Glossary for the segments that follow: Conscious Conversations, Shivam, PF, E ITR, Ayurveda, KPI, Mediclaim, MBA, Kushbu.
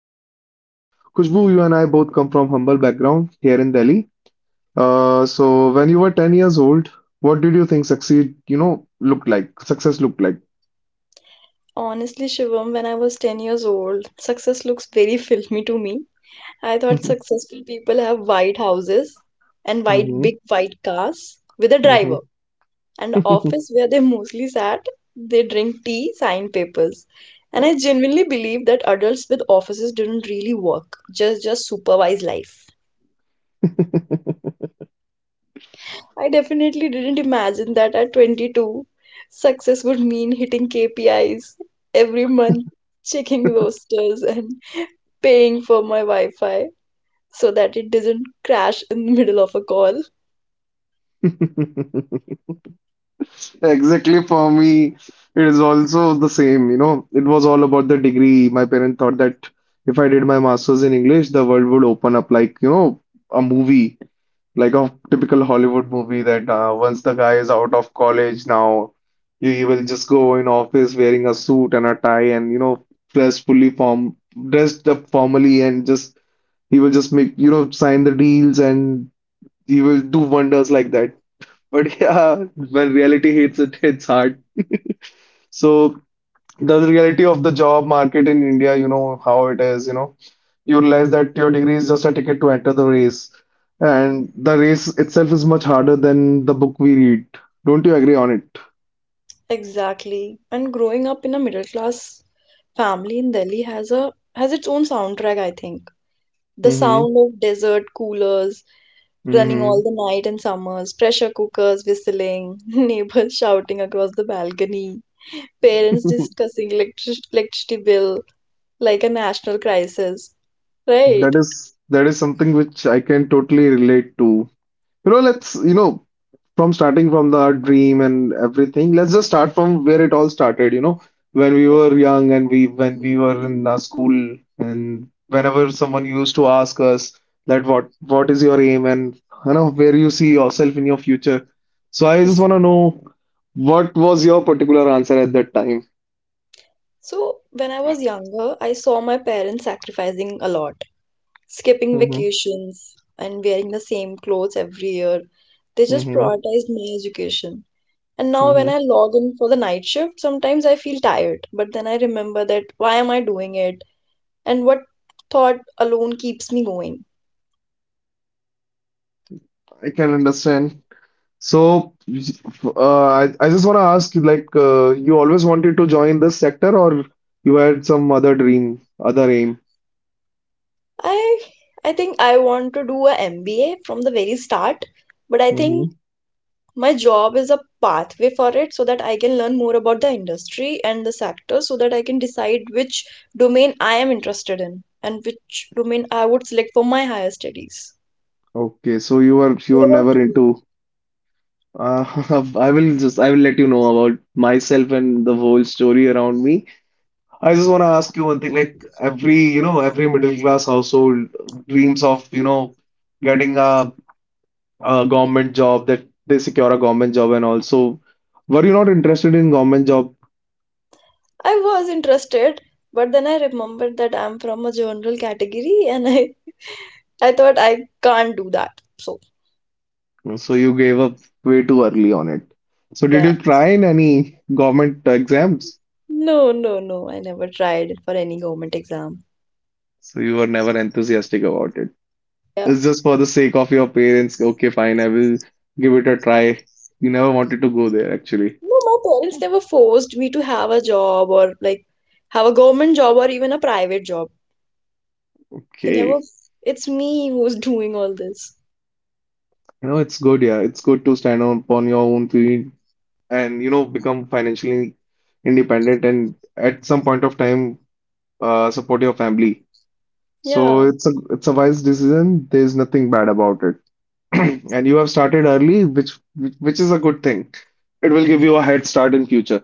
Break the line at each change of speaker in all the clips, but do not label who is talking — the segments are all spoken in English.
class dream. Kushbu, you and I both come from humble background here in Delhi. So when you were 10 years old, what did you think succeed, looked like, success looked like?
Honestly, Shivam, when I was 10 years old, success looks very filmy to me. I thought successful people have white houses and white
hmm
big white cars with a driver and office where they mostly sat, they drink tea, sign papers. And
hmm
I genuinely believe that adults with offices didn't really work, just supervise life. I definitely didn't imagine that at 22, success would mean hitting KPIs every month, checking rosters, and paying for my Wi Fi so that it doesn't crash in the middle of a call.
Exactly for me, it is also the same, you know. It was all about the degree. My parents thought that if I did my master's in English, the world would open up like, you know, a movie, like a typical Hollywood movie that once the guy is out of college now, he will just go in office wearing a suit and a tie and, you know, dressed fully form, dressed up formally and just, he will just make, you know, sign the deals and he will do wonders like that. But yeah, when reality hits, it hits hard. So the reality of the job market in India, you know how it is, you know, you realize that your degree is just a ticket to enter the race, and the race itself is much harder than the book we read. Don't you agree on it?
Exactly. And growing up in a middle class family in Delhi has its own soundtrack, I think. The
Mm-hmm.
sound of desert coolers running
Mm-hmm.
all the night in summers, pressure cookers whistling, neighbors shouting across the balcony, parents discussing electricity bill like a national crisis.
That
Right.
is that is something which I can totally relate to. You know, let's from starting from the dream and everything, let's just start from where it all started, you know, when we were young and we when we were in our school, and whenever someone used to ask us that what is your aim and you know where you see yourself in your future. So I just want to know what was your particular answer at that time.
So, when I was younger, I saw my parents sacrificing a lot, skipping
Mm-hmm,
vacations and wearing the same clothes every year. They just
mm-hmm,
prioritized my education. And now, when
mm-hmm.
I log in for the night shift, sometimes I feel tired, but then I remember that why am I doing it and what thought alone keeps me going.
I can understand. So, I just want to ask, like, you always wanted to join this sector, or you had some other dream, other aim?
I I think I want to do a MBA from the very start, but I think
Hmm
my job is a pathway for it so that I can learn more about the industry and the sector so that I can decide which domain I am interested in and which domain I would select for my higher studies.
Okay, so you were you
What
were
about
never
you?
into. Uh, I will let you know about myself and the whole story around me. I just want to ask you one thing, like every, you know, every middle class household dreams of, you know, getting a government job, that they secure a government job, and also, were you not interested in government job?
I was interested, but then I remembered that I'm from a general category and I thought I can't do that. So,
So you gave up way too early on it. So did
yeah.
you try in any government exams?
No, no, no. I never tried for any government exam.
So you were never enthusiastic about it.
Yeah.
It's just for the sake of your parents. Okay, fine, I will give it a try. You never wanted to go there actually.
No, my parents never forced me to have a job or like have a government job or even a private job. They never,
Okay.
it's me who's doing all this.
You know, it's good, yeah. It's good to stand on upon your own feet and, you know, become financially independent, and at some point of time, support your family. So
Yeah,
it's a wise decision. There's nothing bad about it. And you have started early, which is a good thing. It will give you a head start in future.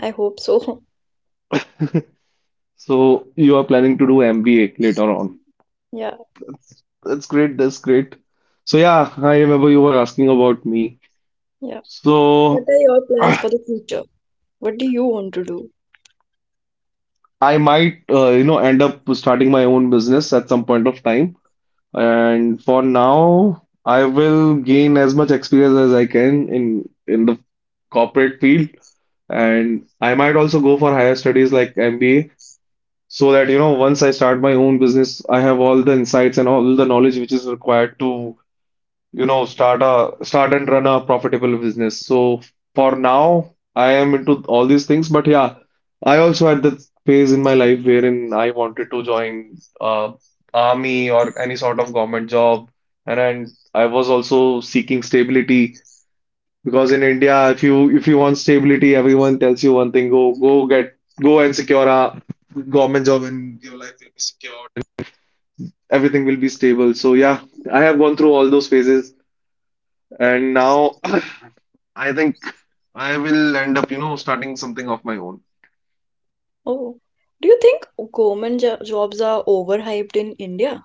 I hope so.
So you are planning to do MBA later on.
Yeah,
That's great. That's great. So yeah, I remember you were asking about me.
yeah. What
So
are your plans
I
for the future? What do you want to do?
might, you know, end up starting my own business at some point of time. And for now, I will gain as much experience as I can in the corporate field. And I might also go for higher studies like MBA so that, you know, once I start my own business, I have all the insights and all the knowledge which is required to, you know, start and run a profitable business. So for now, I am into all these things, but yeah, I also had the phase in my life wherein I wanted to join army or any sort of government job, and I was also seeking stability. Because in India, if you want stability, everyone tells you one thing, go and secure a government job and your life will be secured and everything will be stable. So yeah, I have gone through all those phases, and now I think I will end up, you know, starting something of my own.
Oh, do you think jobs are overhyped in India?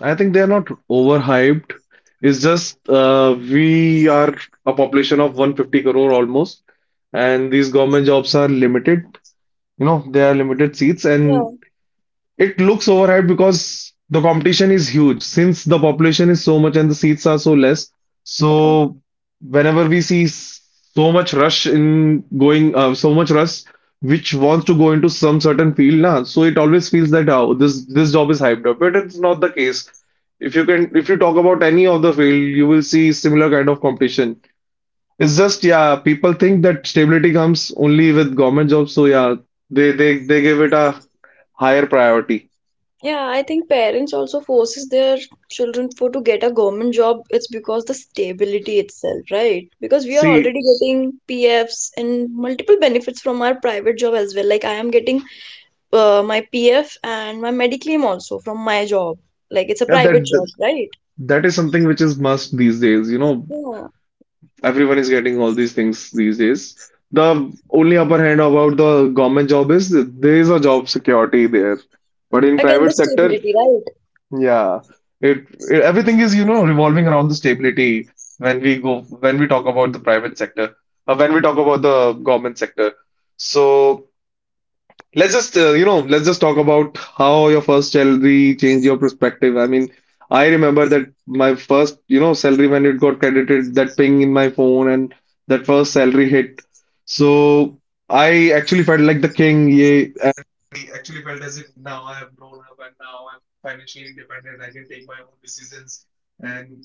I think they are not overhyped. It's just we are a population of 150 crore almost, and these government jobs are limited. You know, they are limited seats,
Yeah.
and it looks overhyped because the competition is huge since the population is so much and the seats are so less. So
Yeah.
whenever we see so much rush in going, so much rush which wants to go into some certain field, na, so it always feels that oh, this job is hyped up, but it's not the case. If you can, if you talk about any of the field, you will see similar kind of competition. It's just yeah, people think that stability comes only with government jobs, so yeah, they give it a higher priority.
Yeah, I think parents also forces their children for to get a government job. It's because the stability itself, right? Because we are
See,
already getting PFs and multiple benefits from our private job as well. Like I am getting my PF and my Mediclaim also from my job. Like it's a
yeah,
private job, right?
that is something which is must these days. You know,
Yeah.
everyone is getting all these things these days. The only upper hand about the government job is there is a job security there, but in
Again, the
private sector,
stability, right?
yeah, it everything is, you know, revolving around the stability when we go when we talk about the private sector, when we talk about the government sector. So let's just, you know, let's just talk about how your first salary changed your perspective. I mean, I remember that my first, you know, salary when it got credited, that ping in my phone and that first salary hit. So I actually felt like the king, yeah, and I actually felt as if now I have grown up and now I'm financially independent. I can take my own decisions. And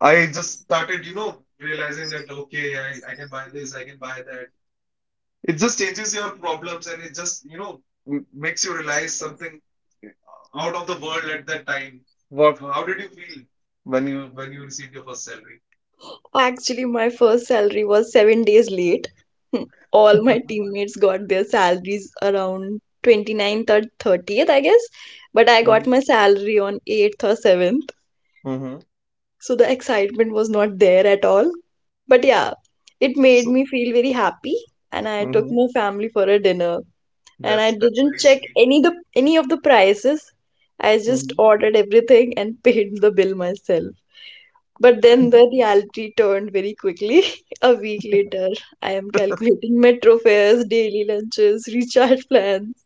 I just started, you know, realizing that, okay, I can buy this, I can buy that. It just changes your problems and it just, you know, makes you realize something out of the world at that time. What? How did you feel when you received your first salary?
Actually, my first salary was 7 days late. Hmm. All my teammates got their salaries around twenty ninth or 30th, I guess. But I got
Mm-hmm.
my salary on 8th or 7th.
Mm-hmm.
So the excitement was not there at all. But yeah, it made
So
me feel very happy. And I took
Mm-hmm.
my family for a dinner. And I
That's very
didn't check
sweet.
any the any of the prices. I just
Mm-hmm.
ordered everything and paid the bill myself. But then the reality turned very quickly. A week later, I am calculating metro fares, daily lunches, recharge plans.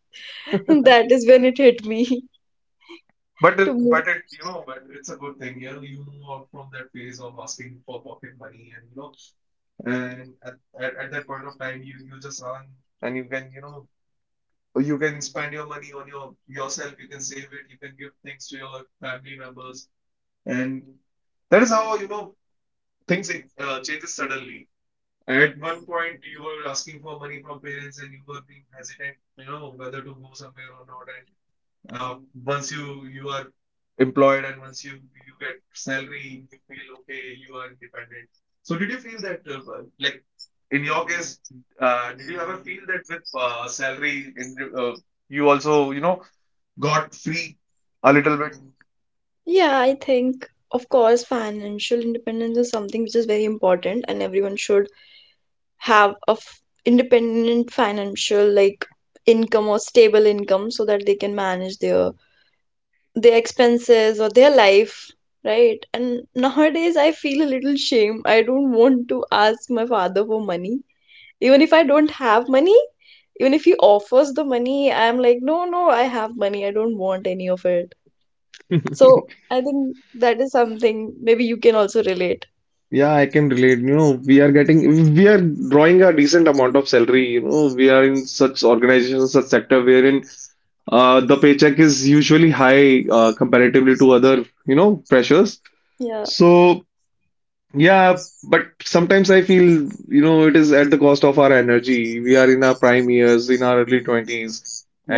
That is when it hit me to move.
But it, you know, but it's a good thing. You know, you move out from that phase of asking for pocket money, and you know, and at that point of time, you just earn, and you can, you know, you can spend your money on your yourself, you can save it, you can give things to your family members, and that is how, you know, things changes suddenly. At one point you were asking for money from parents and you were being hesitant, you know, whether to go somewhere or not, and uh, once you are employed, and once you get salary, you feel okay, you are independent. So did you feel that, like in your case, did you ever feel that with salary in, uh, you also, you know, got free a little
Yeah, I think, of course, financial independence is something which is very important, and everyone should have a f independent financial like income or stable income so that they can manage their expenses or their life, right? And nowadays, I feel a little shame. I don't want to ask my father for money. Even if I don't have money, even if he offers the money, I'm like, no, no, I have money, I don't want any of it.
bit
So I think that is something maybe you can also relate.
Yeah, I can relate. You know, we are drawing a decent amount of salary. You know, we are in such organizations, such sector wherein the paycheck is usually high, comparatively to other, you know, pressures.
Yeah,
So yeah, but sometimes I feel, you know, it is at the cost of our energy. We are in our prime years, in our early 20s,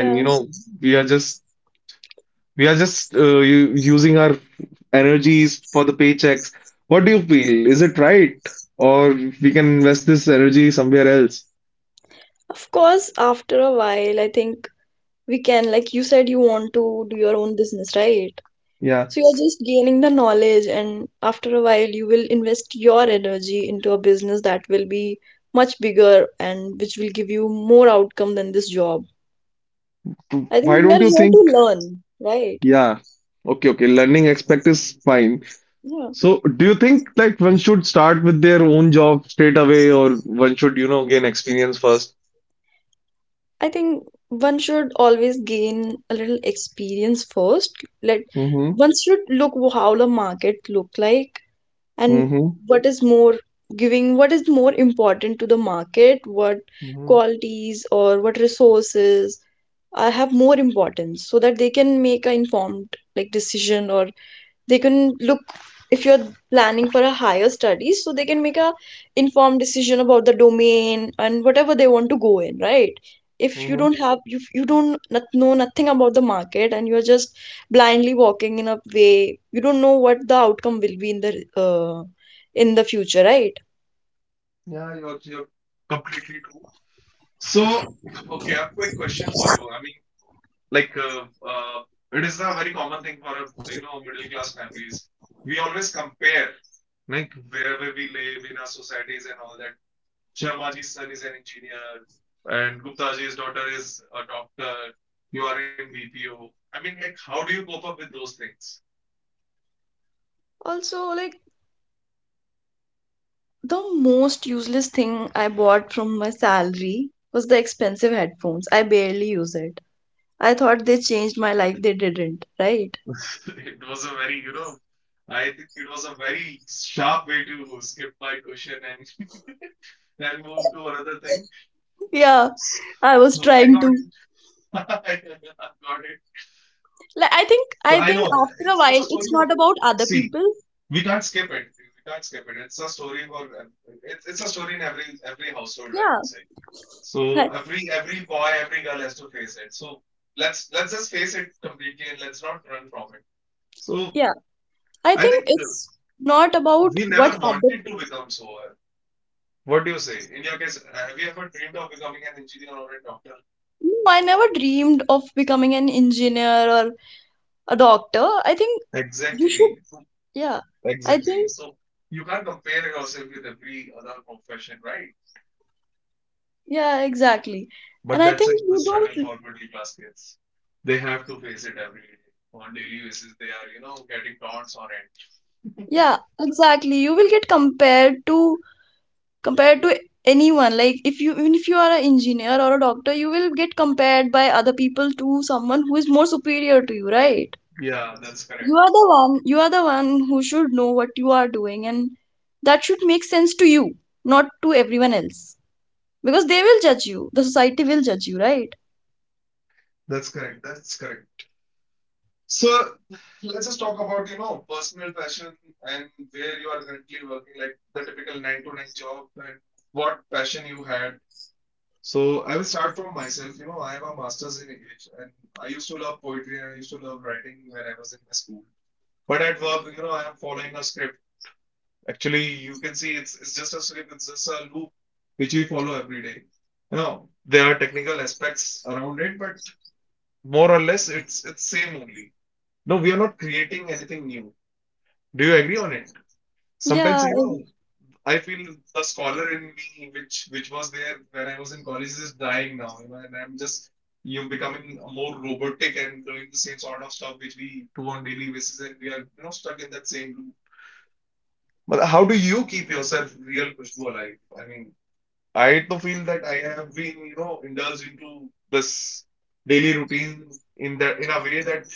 and you know, we are just we are just using our energies for the paychecks. What do you feel? Is it right? Or we can invest this energy somewhere else?
Of course, after a while, I think we can, like you said, you want to do your own business, right?
Yeah.
So you're just gaining the knowledge, and after a while, you will invest your energy into a business that will be much bigger and which will give you more outcome than this job. I think
Why
we are
don't you
here
think?
to learn, right?
Yeah. Okay, okay. Learning aspect is fine.
Yeah.
So, do you think like one should start with their own job straight away, or one should, you know, gain experience first?
I think one should always gain a little experience first. Let
Mm-hmm.
one should look how the market look like, and
Mm-hmm.
what is more giving, what is more important to the market, what
Mm-hmm.
qualities or what resources are have more importance, so that they can make an informed like decision, or they can look if you're planning for a higher studies, so they can make a informed decision about the domain and whatever they want to go in, right? If you
Mm-hmm.
don't have, if you don't not, know nothing about the market, and you're just blindly walking in a way, you don't know what the outcome will be uh, in the future, right?
Yeah, you're completely true. So, okay, I have a quick question for you. I mean, like it is a very common thing for a, you know, middle class families. We always compare, like wherever we live in our societies and all that. Sharmaji's son is an engineer and Guptaji's daughter is a doctor. You are in BPO. I mean, like, how do you cope up with those things?
Also, like, the most useless thing I bought from my salary was the expensive headphones, I barely use it. I thought they changed my life, they didn't, right?
It was a very I think it was a very sharp way to skip my question and then move to another thing.
Yeah,
So
I was
I
trying
got
to.
it. I got it.
Like, I think,
So
I
I know,
think after a
it's
while,
a story
it's
of,
not about other
see,
people.
we can't skip it. We can't skip it, it's a story for it's a story in every household, I
Yeah,
would say. So
that-
every boy, every girl has to face it. So let's just face it completely and let's not run from it. So
yeah. I
I
think
think
it's not about
we
what
never
other.
wanted to become so, what do you say in your case, have you ever dreamed of becoming an engineer or a doctor?
I never dreamed of becoming an engineer or a doctor. I think you
Exactly.
should. Yeah, I
Exactly.
think.
So you can't compare yourself with every other profession, right?
Yeah, exactly. And
But
I
that's a
think
human
you
struggle
don't.
for middle class kids. They have to face it every day. On daily basis, they are, you know, getting taunts on it.
Yeah, exactly. You will get compared to compared to anyone like, if you, even if you are an engineer or a doctor, you will get compared by other people to someone who is more superior to you, right?
Yeah, that's
you
correct.
are the one you are the one who should know what you are doing, and that should make sense to you, not to everyone else, because they will judge you, the society will judge you, right?
That's correct. That's correct. So let's just talk about, you know, personal passion and where you are currently working, like the typical nine to nine job and what passion you had. So I will start from myself. You know, I have a master's in English and I used to love poetry and I used to love writing when I was in my school. But at work, you know, I am following a script. Actually, you can see it's just a script, it's just a loop which we follow every day. You know, there are technical aspects around it, but more or less it's same only. No, we are not creating anything new. Do you agree on it? Sometimes,
Yeah.
you know, I feel the scholar in me, which was there when I was in college, is dying now, you know, and I'm just, you becoming more robotic and doing the same sort of stuff which we do on daily basis, and we are, you know, stuck in that same loop. But how do you keep yourself real, Kushbu, alive? I mean, I do feel that I have been, you know, indulged into this daily routine in that in a way that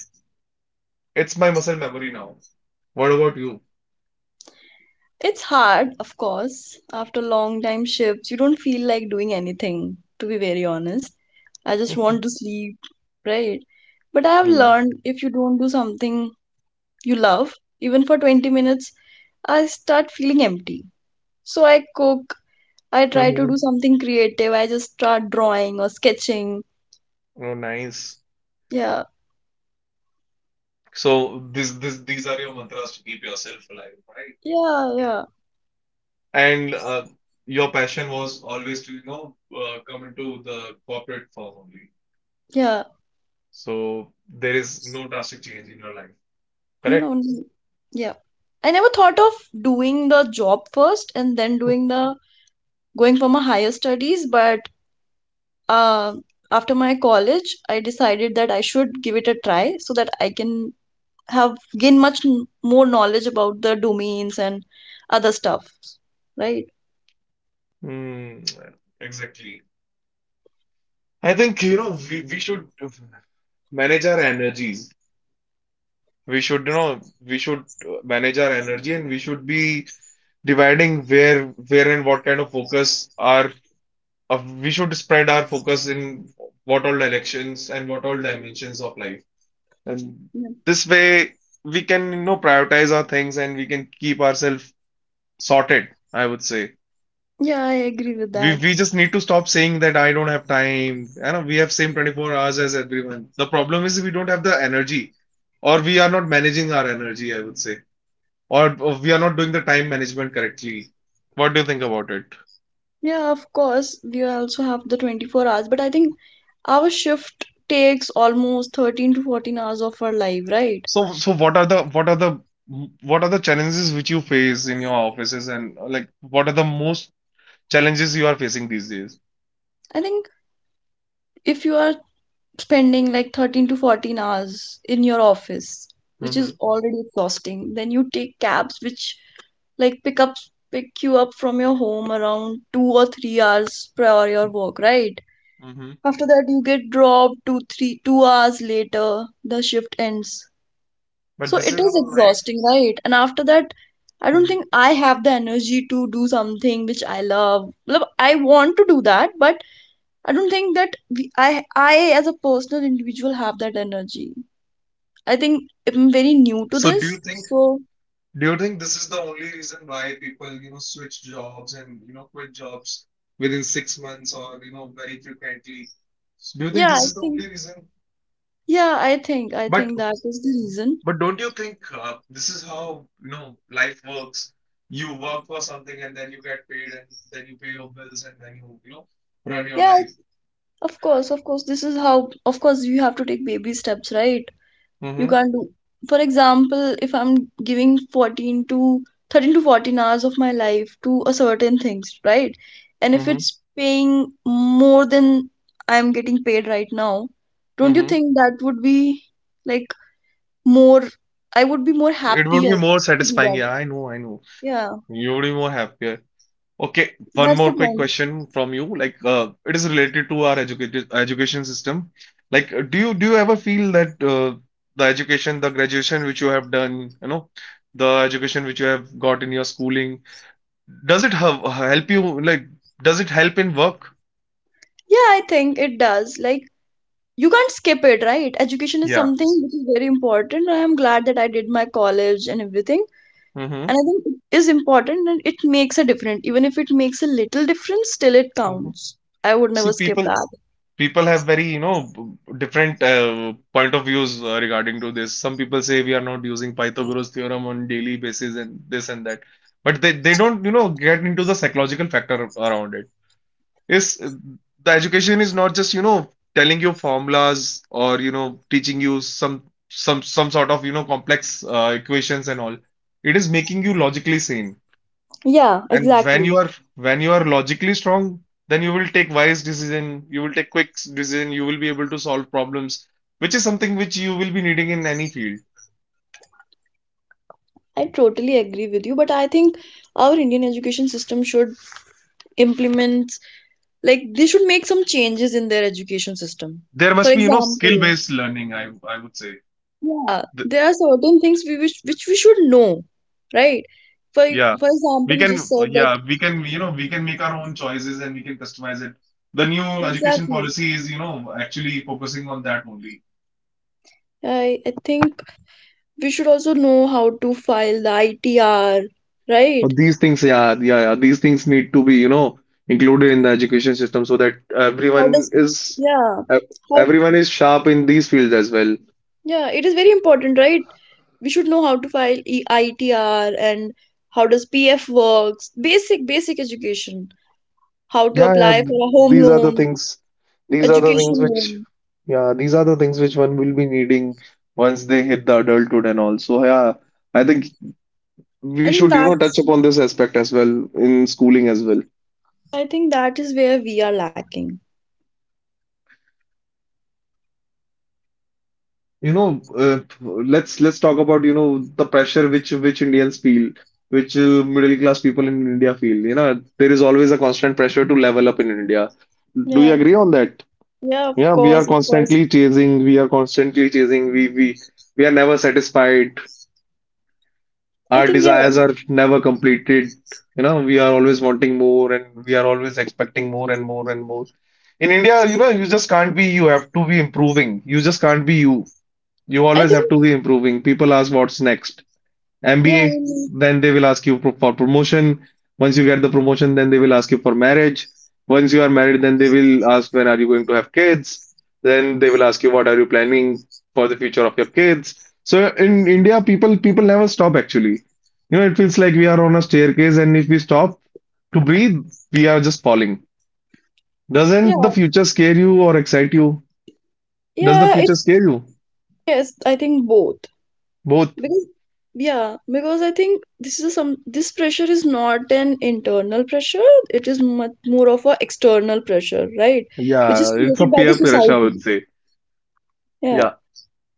it's my muscle memory now. What about you?
It's hard, of course. After long time shifts, you don't feel like doing anything, to be very honest. I just want to sleep, right? But I have
Hmm.
learned if you don't do something you love, even for 20 minutes, I start feeling empty. So I cook, I try to
Hmm.
do something creative, I just start drawing or sketching.
Oh, nice.
Yeah,
So this these are your mantras to keep yourself alive, right?
yeah, yeah,
And your passion was always to, you know, come into the corporate form only.
yeah.
So there is no drastic change in your life,
No,
correct?
yeah. I never thought of doing the job first and then doing the going for my higher studies, but um after my college, I decided that I should give it a try so that I can have gain much more knowledge about the domains and other stuff, right?
Hmm. Exactly. I think, you know, we should manage our energies. We should, you know, we should manage our energy and we should be dividing where and what kind of focus are, we should spread our focus in what all directions and what all dimensions of life. And
Yeah.
this way we can, you know, prioritize our things and we can keep ourselves sorted, I would say.
Yeah, I agree with
We
that.
we just need to stop saying that I don't have time. You know, we have same 24 hours as everyone. The problem is we don't have the energy, or we are not managing our energy, I would say, or we are not doing the time management correctly. What do you think about it?
Yeah, of course, we also have the 24 hours, but I think our shift takes almost 13 to 14 hours of our life, right?
So so what are the challenges which you face in your offices and like what are the most challenges you are facing these days?
I think if you are spending like 13 to 14 hours in your office, which
Mm-hmm.
is already exhausting, then you take cabs which like pick you up from your home around 2 or 3 hours prior your work, right?
Mm-hmm.
After that you get dropped 2, 3, 2 hours later, the shift ends, so
But this
it
is
is
how life.
exhausting, right? And after that, I don't think
Hmm.
I have the energy to do something which I love. Matlab, I want to do that, but I don't think that we, I as a personal individual have that energy. I think I'm very new to
So
this. So
Do you think this is the only reason why people, you know, switch jobs and, you know, quit jobs within 6 months or, you know, very frequently? So do you think
yeah,
this
I
is the
think,
only reason?
yeah, i think i
But
think that is the reason.
but don't you think, this is how, you know, life works? You work for something and then you get paid and then you pay your bills and then you know, run your
Yeah.
life.
Of course, this is how, of course, you have to take baby steps, right? You
Mm-hmm,
can't do, for example, if I'm giving 14 to 13 to 14 hours of my life to a certain things, right? And if
mm-hmm,
it's paying more than I'm getting paid right now, don't you
mm-hmm.
think that would be like more, I would be more
It would
happier
be more
to do
satisfying. Yeah,
that?
I know, I know.
Yeah,
You would be more happier. Okay, one
that's the
more quick
point.
question from you. Like, it is related to our educated education system. Like, do you ever feel that, the education, the graduation which you have done, you know, the education which you have got in your schooling, does it have, help you? Like, does it help in work?
Yeah, I think it does. Like, you can't skip it, right? Education is
Yeah.
something which is very important. I am glad that I did my college and everything.
Mm-hmm.
And I think it is important and it makes a difference. Even if it makes a little difference, still it
Mm-hmm.
counts. I would
See,
never skip that.
people have very, you know, different point of views regarding to this. Some people say we are not using pythagoras theorem on daily basis and this and that, but they don't, you know, get into the psychological factor around it. Is, the education is not just, you know, telling you formulas or, you know, teaching you some some sort of, you know, complex equations and all. It is making you logically sane.
Yeah,
And when you
exactly.
are, when you are logically strong, then you will take wise decision, you will take quick decision, you will be able to solve problems, which is something which you will be needing in any field.
I totally agree with you, but I think our Indian education system should implement, like, they should make some changes in their education system.
There
For
must be, you know,
example,
skill-based learning, I would say.
yeah,
The,
there are certain things we wish, which we should know, right? For,
yeah.
for
We
example, you just
can,
said that.
yeah, we can, you know, we can make our own choices and we can customize it. The new education
Exactly.
policy is, you know, actually focusing on that only.
I think we should also know how to file the ITR, right?
But these things, yeah, yeah, yeah. These things need to be, you know, included in the education system so that
How
everyone
does,
is
yeah,
ev-
how,
everyone is sharp in these fields as well.
yeah, it is very important, right? We should know how to file E ITR and how does PF works, basic education, how to
Yeah, yeah.
apply for a home
These are the
loan,
things. These are the things
education loan.
yeah, these are the things which one will be needing once they hit the adulthood and all. So yeah, I think
I
we
think
should, you know, touch
that's,
upon this aspect as well in schooling as well.
I think that is where we are lacking.
You know, let's talk about, you know, the pressure which Indians feel, which middle class people in India feel. You know, there is always a constant pressure to level up in India. Do you
Yeah,
agree on that?
yeah, of
Yeah, we are
course, of course.
constantly chasing, we are constantly chasing, we are never satisfied.
I
Our
think, yeah,
desires are never completed. You know, we are always wanting more, and we are always expecting more and more and more. In India, you know, you just can't be you. Have to be improving. You just can't be you. You
I
always have
think,
to be improving. People ask what's next.
yeah, I
MBA,
mean,
then they will ask you for promotion. Once you get the promotion, then they will ask you for marriage. Once you are married, then they will ask when are you going to have kids. Then they will ask you what are you planning for the future of your kids. So in India, people never stop actually. You know, it feels like we are on a staircase, and if we stop to breathe, we are just falling. Doesn't
yeah.
the future scare you or excite you? Does the
Yeah,
future scare you?
yes, I think both.
Both.
Because yeah, because I think this pressure is not an internal pressure, it is much more of a external pressure, right? Which is
Yeah, it's
created
a
by the
peer pressure, I would
society.
say.
Yeah,
Yeah,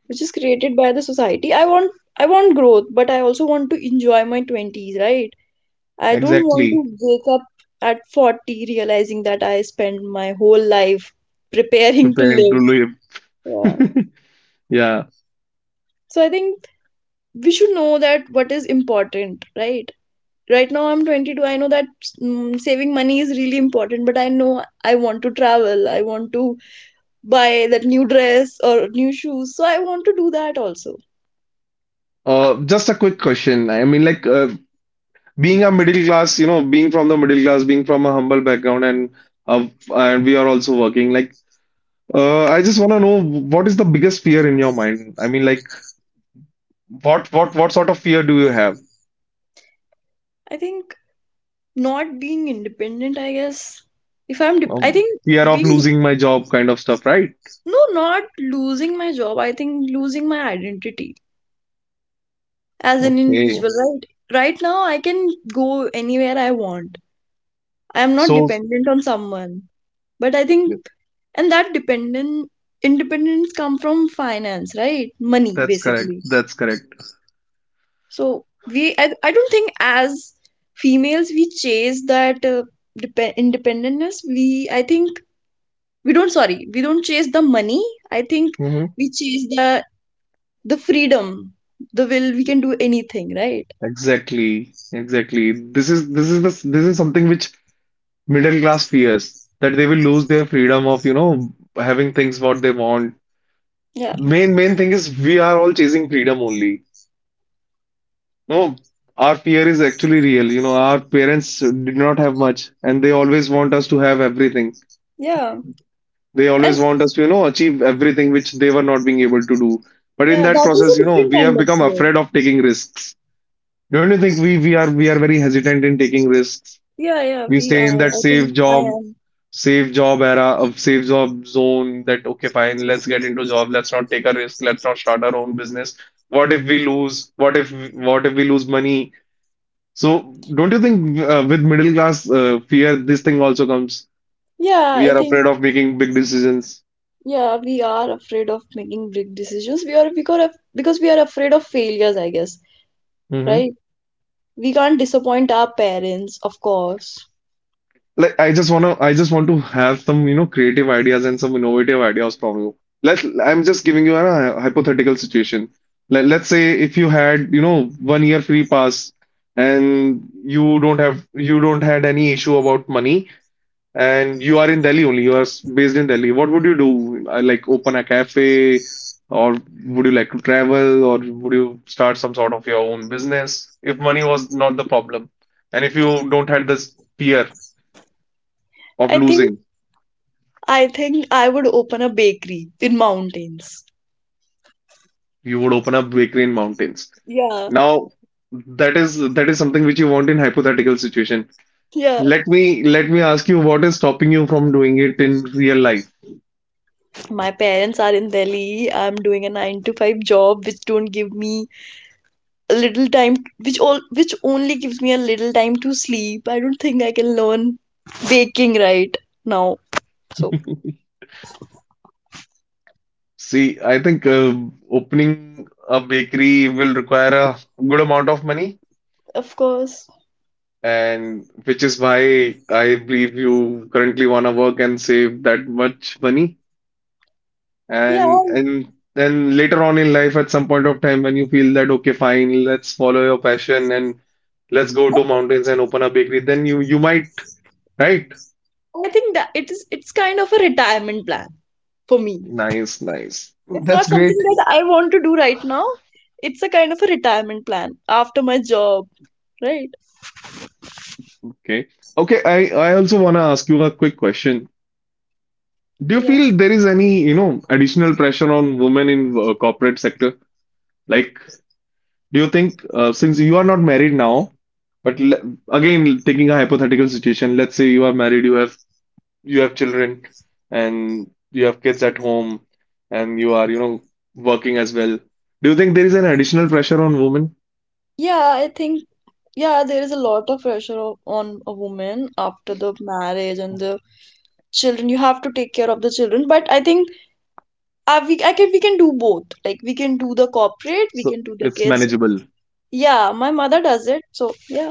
which is created by the society. I want growth, but I also want to enjoy my 20s, right? I don't want
exactly.
to wake up at 40 realizing that I spent my whole life preparing to
Preparing to
live. Yeah.
live. Yeah.
So I think we should know that what is important, right? Right now I'm 22, I know that saving money is really important, but I know I want to travel, I want to buy that new dress or new shoes, so I want to do that also.
Just a quick question. I mean, like, being a middle class, you know, being from the middle class, being from a humble background, uh, and we are also working. Like, I just want to know what is the biggest fear in your mind? I mean, like, what sort of fear do you have?
I think not being independent, I guess. If I'm dep- I think
Fear of
being
losing my job, kind of stuff, right?
no, not losing my job, I think losing my identity as an
Okay.
individual, right? Right now I can go anywhere I want, I am not
So
dependent on someone, but I
yeah,
think, and that dependent independence come from finance, right? Money,
that's correct.
basically.
That's correct.
So I don't think as females we chase that depend independence, we I think we don't, sorry, we don't chase the money, I think
Hmm.
we chase the freedom, the will, we can do anything, right?
Exactly, exactly. This is the, this is something which middle class fears, that they will lose their freedom of, you know, having things what they want.
Yeah,
Main thing is we are all chasing freedom only. No, our fear is actually real. You know, our parents did not have much and they always want us to have everything.
yeah.
They
And
always want us to, you know, achieve everything which they were not being able to do. But in
yeah,
that
that is
process, you
a
know,
different
we
kind
have
of
become
fear.
afraid of taking risks. Don't you think we are very hesitant in taking risks?
Yeah, yeah,
We
we
stay in
are,
that
I think I am.
safe job era of safe job zone, that okay, fine, let's get into job, let's not take a risk, let's not start our own business. What if we lose? What if we lose money? So don't you think, with middle class fear, this thing also comes?
Yeah,
We
I
are
think.
afraid of making big decisions.
Yeah, we are afraid of making big decisions. We are because we are afraid of failures, I guess, right? We can't disappoint our parents, of course.
Like, I just wanna I just want to have some, you know, creative ideas and some innovative ideas from you. Let I'm just giving you a hypothetical situation. Let's say if you had, you know, 1 year free pass and you don't have, you don't had any issue about money, and you are in Delhi only, you are based in Delhi, what would you do? Like open a cafe or would you like to travel or would you start some sort of your own business if money was not the problem and if you don't had this fear of
I think
losing?
I think I would open a bakery in mountains.
You would open up bakery in mountains.
Yeah,
Now, that is, that is something which you want in hypothetical situation.
yeah.
Let me ask you, what is stopping you from doing it in real life?
My parents are in Delhi. I'm doing a 9 to 5 job which don't give me a little time, which only gives me a little time to sleep. I don't think I can learn baking right now. So,
See, I think, opening a bakery will require a good amount of money,
of course.
and which is why I believe you currently want to work and save that much money.
Yeah,
And then later on in life, at some point of time, when you feel that okay, fine, let's follow your passion and let's go to mountains and open a bakery, then you might, right?
I think that it's kind of a retirement plan for me.
Nice, nice.
It's
That's
not
great.
something that I want to do right now. It's a kind of a retirement plan after my job, right?
Okay. Okay, I also want to ask you a quick question. Do you
Yeah.
feel there is any, you know, additional pressure on women in corporate sector? Like, do you think since you are not married now, but le again, taking a hypothetical situation, let's say you are married, you have children and you have kids at home and you are, you know, working as well. Do you think there is an additional pressure on women?
Yeah, I think, yeah, there is a lot of pressure on a woman after the marriage and the children. You have to take care of the children, but I think I, we I can we can do both. Like, we can do the corporate, we
So
can do the
it's
kids.
manageable.
Yeah, my mother does it. So, yeah.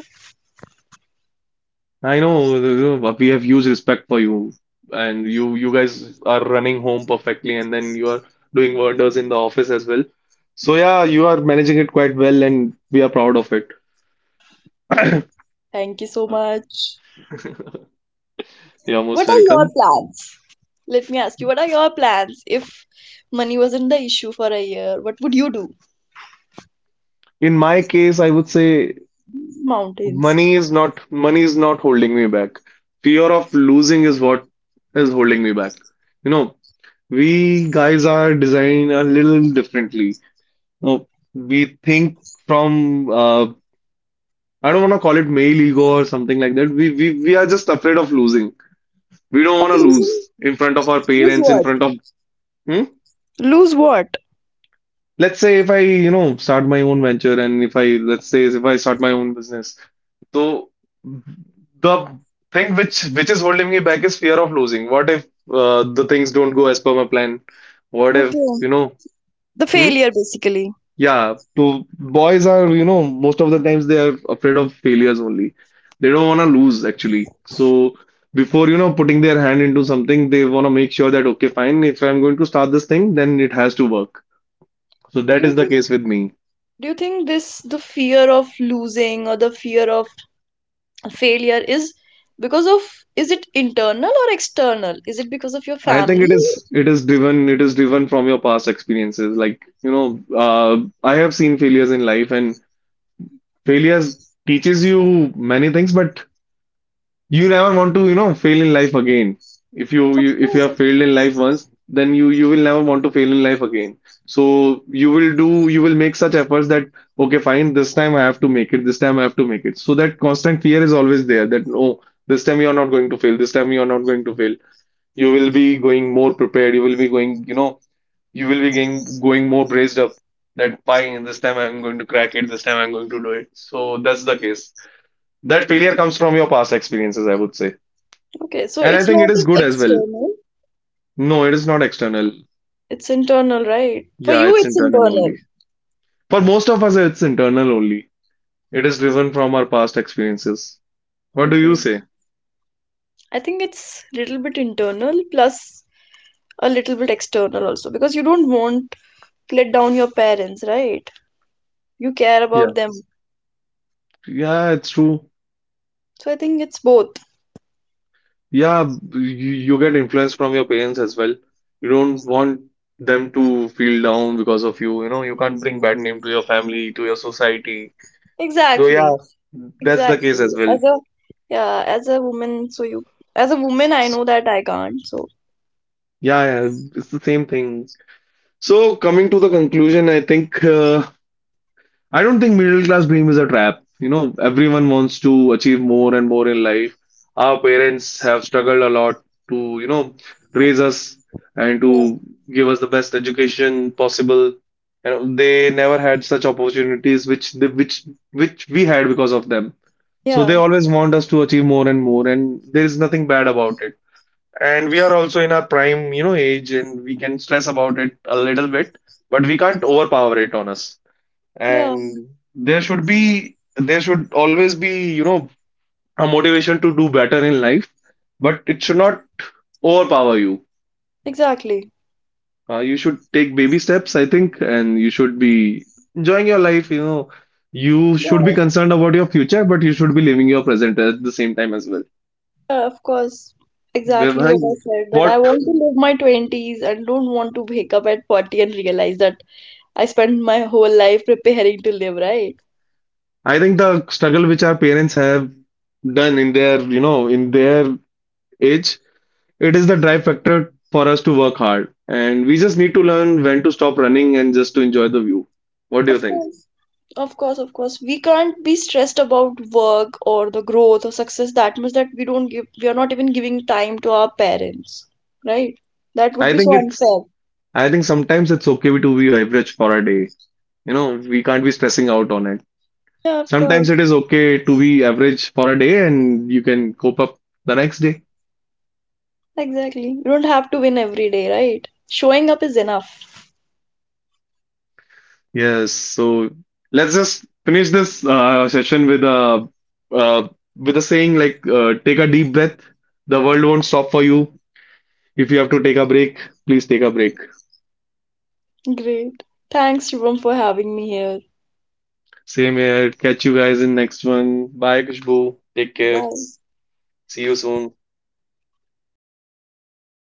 I know, you know, we have huge respect for you and you guys are running home perfectly and then you are doing wonders in the office as well. So yeah, you are managing it quite well and we are proud of it.
Thank you so much.
You're
What
most
are your
welcome.
plans? Let me ask you, what are your plans if money wasn't the issue for a year? What would you do?
In my case, I would say
Mountains.
money is not money is not holding me back. Fear of losing is what is holding me back. You know, we guys are designed a little differently. You know, we think from I don't want to call it male ego or something like that. We are just afraid of losing. We don't
Of
want to
losing,
lose in front of our
lose
parents, in
what?
front of— hmm?
Lose what?
Let's say if I, you know, start my own venture and if I, let's say if I start my own business, so the thing which is holding me back is fear of losing. What if the things don't go as per my plan? What if,
Okay.
you know—
The
hmm?
failure, basically.
Yeah, so boys are, you know, most of the times they are afraid of failures only. They don't want to lose actually. So before, you know, putting their hand into something, they want to make sure that okay, fine, if I'm going to start this thing, then it has to work. So
Do
that
you
is the
think
case with me.
do you think this, the fear of losing or the fear of failure, is because of, is it internal or external? Is it because of your
I think
family?
it is driven from your past experiences. Like, you know, I have seen failures in life and failures teaches you many things, but you never want to, you know, fail in life again. If you,
Of
you if you
course.
have failed in life once, then you will never want to fail in life again. So you will make such efforts that okay, fine, this time I have to make it, this time I have to make it. So that constant fear is always there that no, this time you are not going to fail, this time you are not going to fail. You will be going more prepared. You will be going, you know, you will be going more braced up that fine, this time I'm going to crack it, this time I'm going to do it. So that's the case. That failure comes from your past experiences, I would say.
Okay, so
And I
it's
think
not
it is
an
good as well.
external.
No, it is not external.
It's internal, right? For
Yeah,
you,
it's
it's
internal only.
internal.
For most of us, it's internal only. It is driven from our past experiences. What do you
Okay.
say?
I think it's a little bit internal plus a little bit external also, because you don't want to let down your parents, right? You care
Yeah.
about them.
Yeah, it's true.
So I think it's both.
Yeah, you, you get influence from your parents as well. You don't want them to feel down because of you. You know, you can't bring bad name to your family, to your society. So yeah,
Exactly.
that's the case
Exactly.
as well.
As a, yeah, as a woman, so you, as a woman I know that I can't. So
Yeah, yeah, it's the same thing. So coming to the conclusion, I think I don't think middle class dream is a trap. You know, everyone wants to achieve more and more in life. Our parents have struggled a lot to, you know, raise us and
yeah.
to give us the best education possible. You know, they never had such opportunities which we had because of them. So they
Yeah.
always want us to achieve more and more, and there is nothing bad about it. And we are also in our prime, you know, age, and we can stress about it a little bit, but we can't overpower it on us.
Yeah,
And there should always be, you know, a motivation to do better in life, but it should not overpower you.
exactly.
You should take baby steps, I think, and you should be enjoying your life, you know. You should be
Yes.
concerned about your future, but you should be living your present at the same time as well.
Yeah, of course.
Well,
Exactly
I-
what I said, that I
what
want to live my 20s and don't want to wake up at 40 and realize that I spent my whole life preparing to live, right?
I think the struggle which our parents have done in their, you know, in their age, it is the drive factor for us to work hard, and we just need to learn when to stop running and just to enjoy the view. What do you
Of
think?
course, of course. We can't be stressed about work or the growth or success that much that we don't give, we are not even giving time to our parents, right? That would
I
be
think
so
it's,
unfair.
I think sometimes it's okay to be average for a day. You know, we can't be stressing out on it.
Yeah, of
Sometimes
course.
it is okay to be average for a day and you can cope up the next day.
Exactly. You don't have to win every day, right? Showing up is enough.
Yes, so let's just finish this session uh, with a saying like, take a deep breath. The world won't stop for you. If you have to take a break, please take a break.
Great. Thanks, Shivam, for having me here.
Same here. Catch you guys in next one. Bye, Kushbu. Take care.
Bye.
See you soon.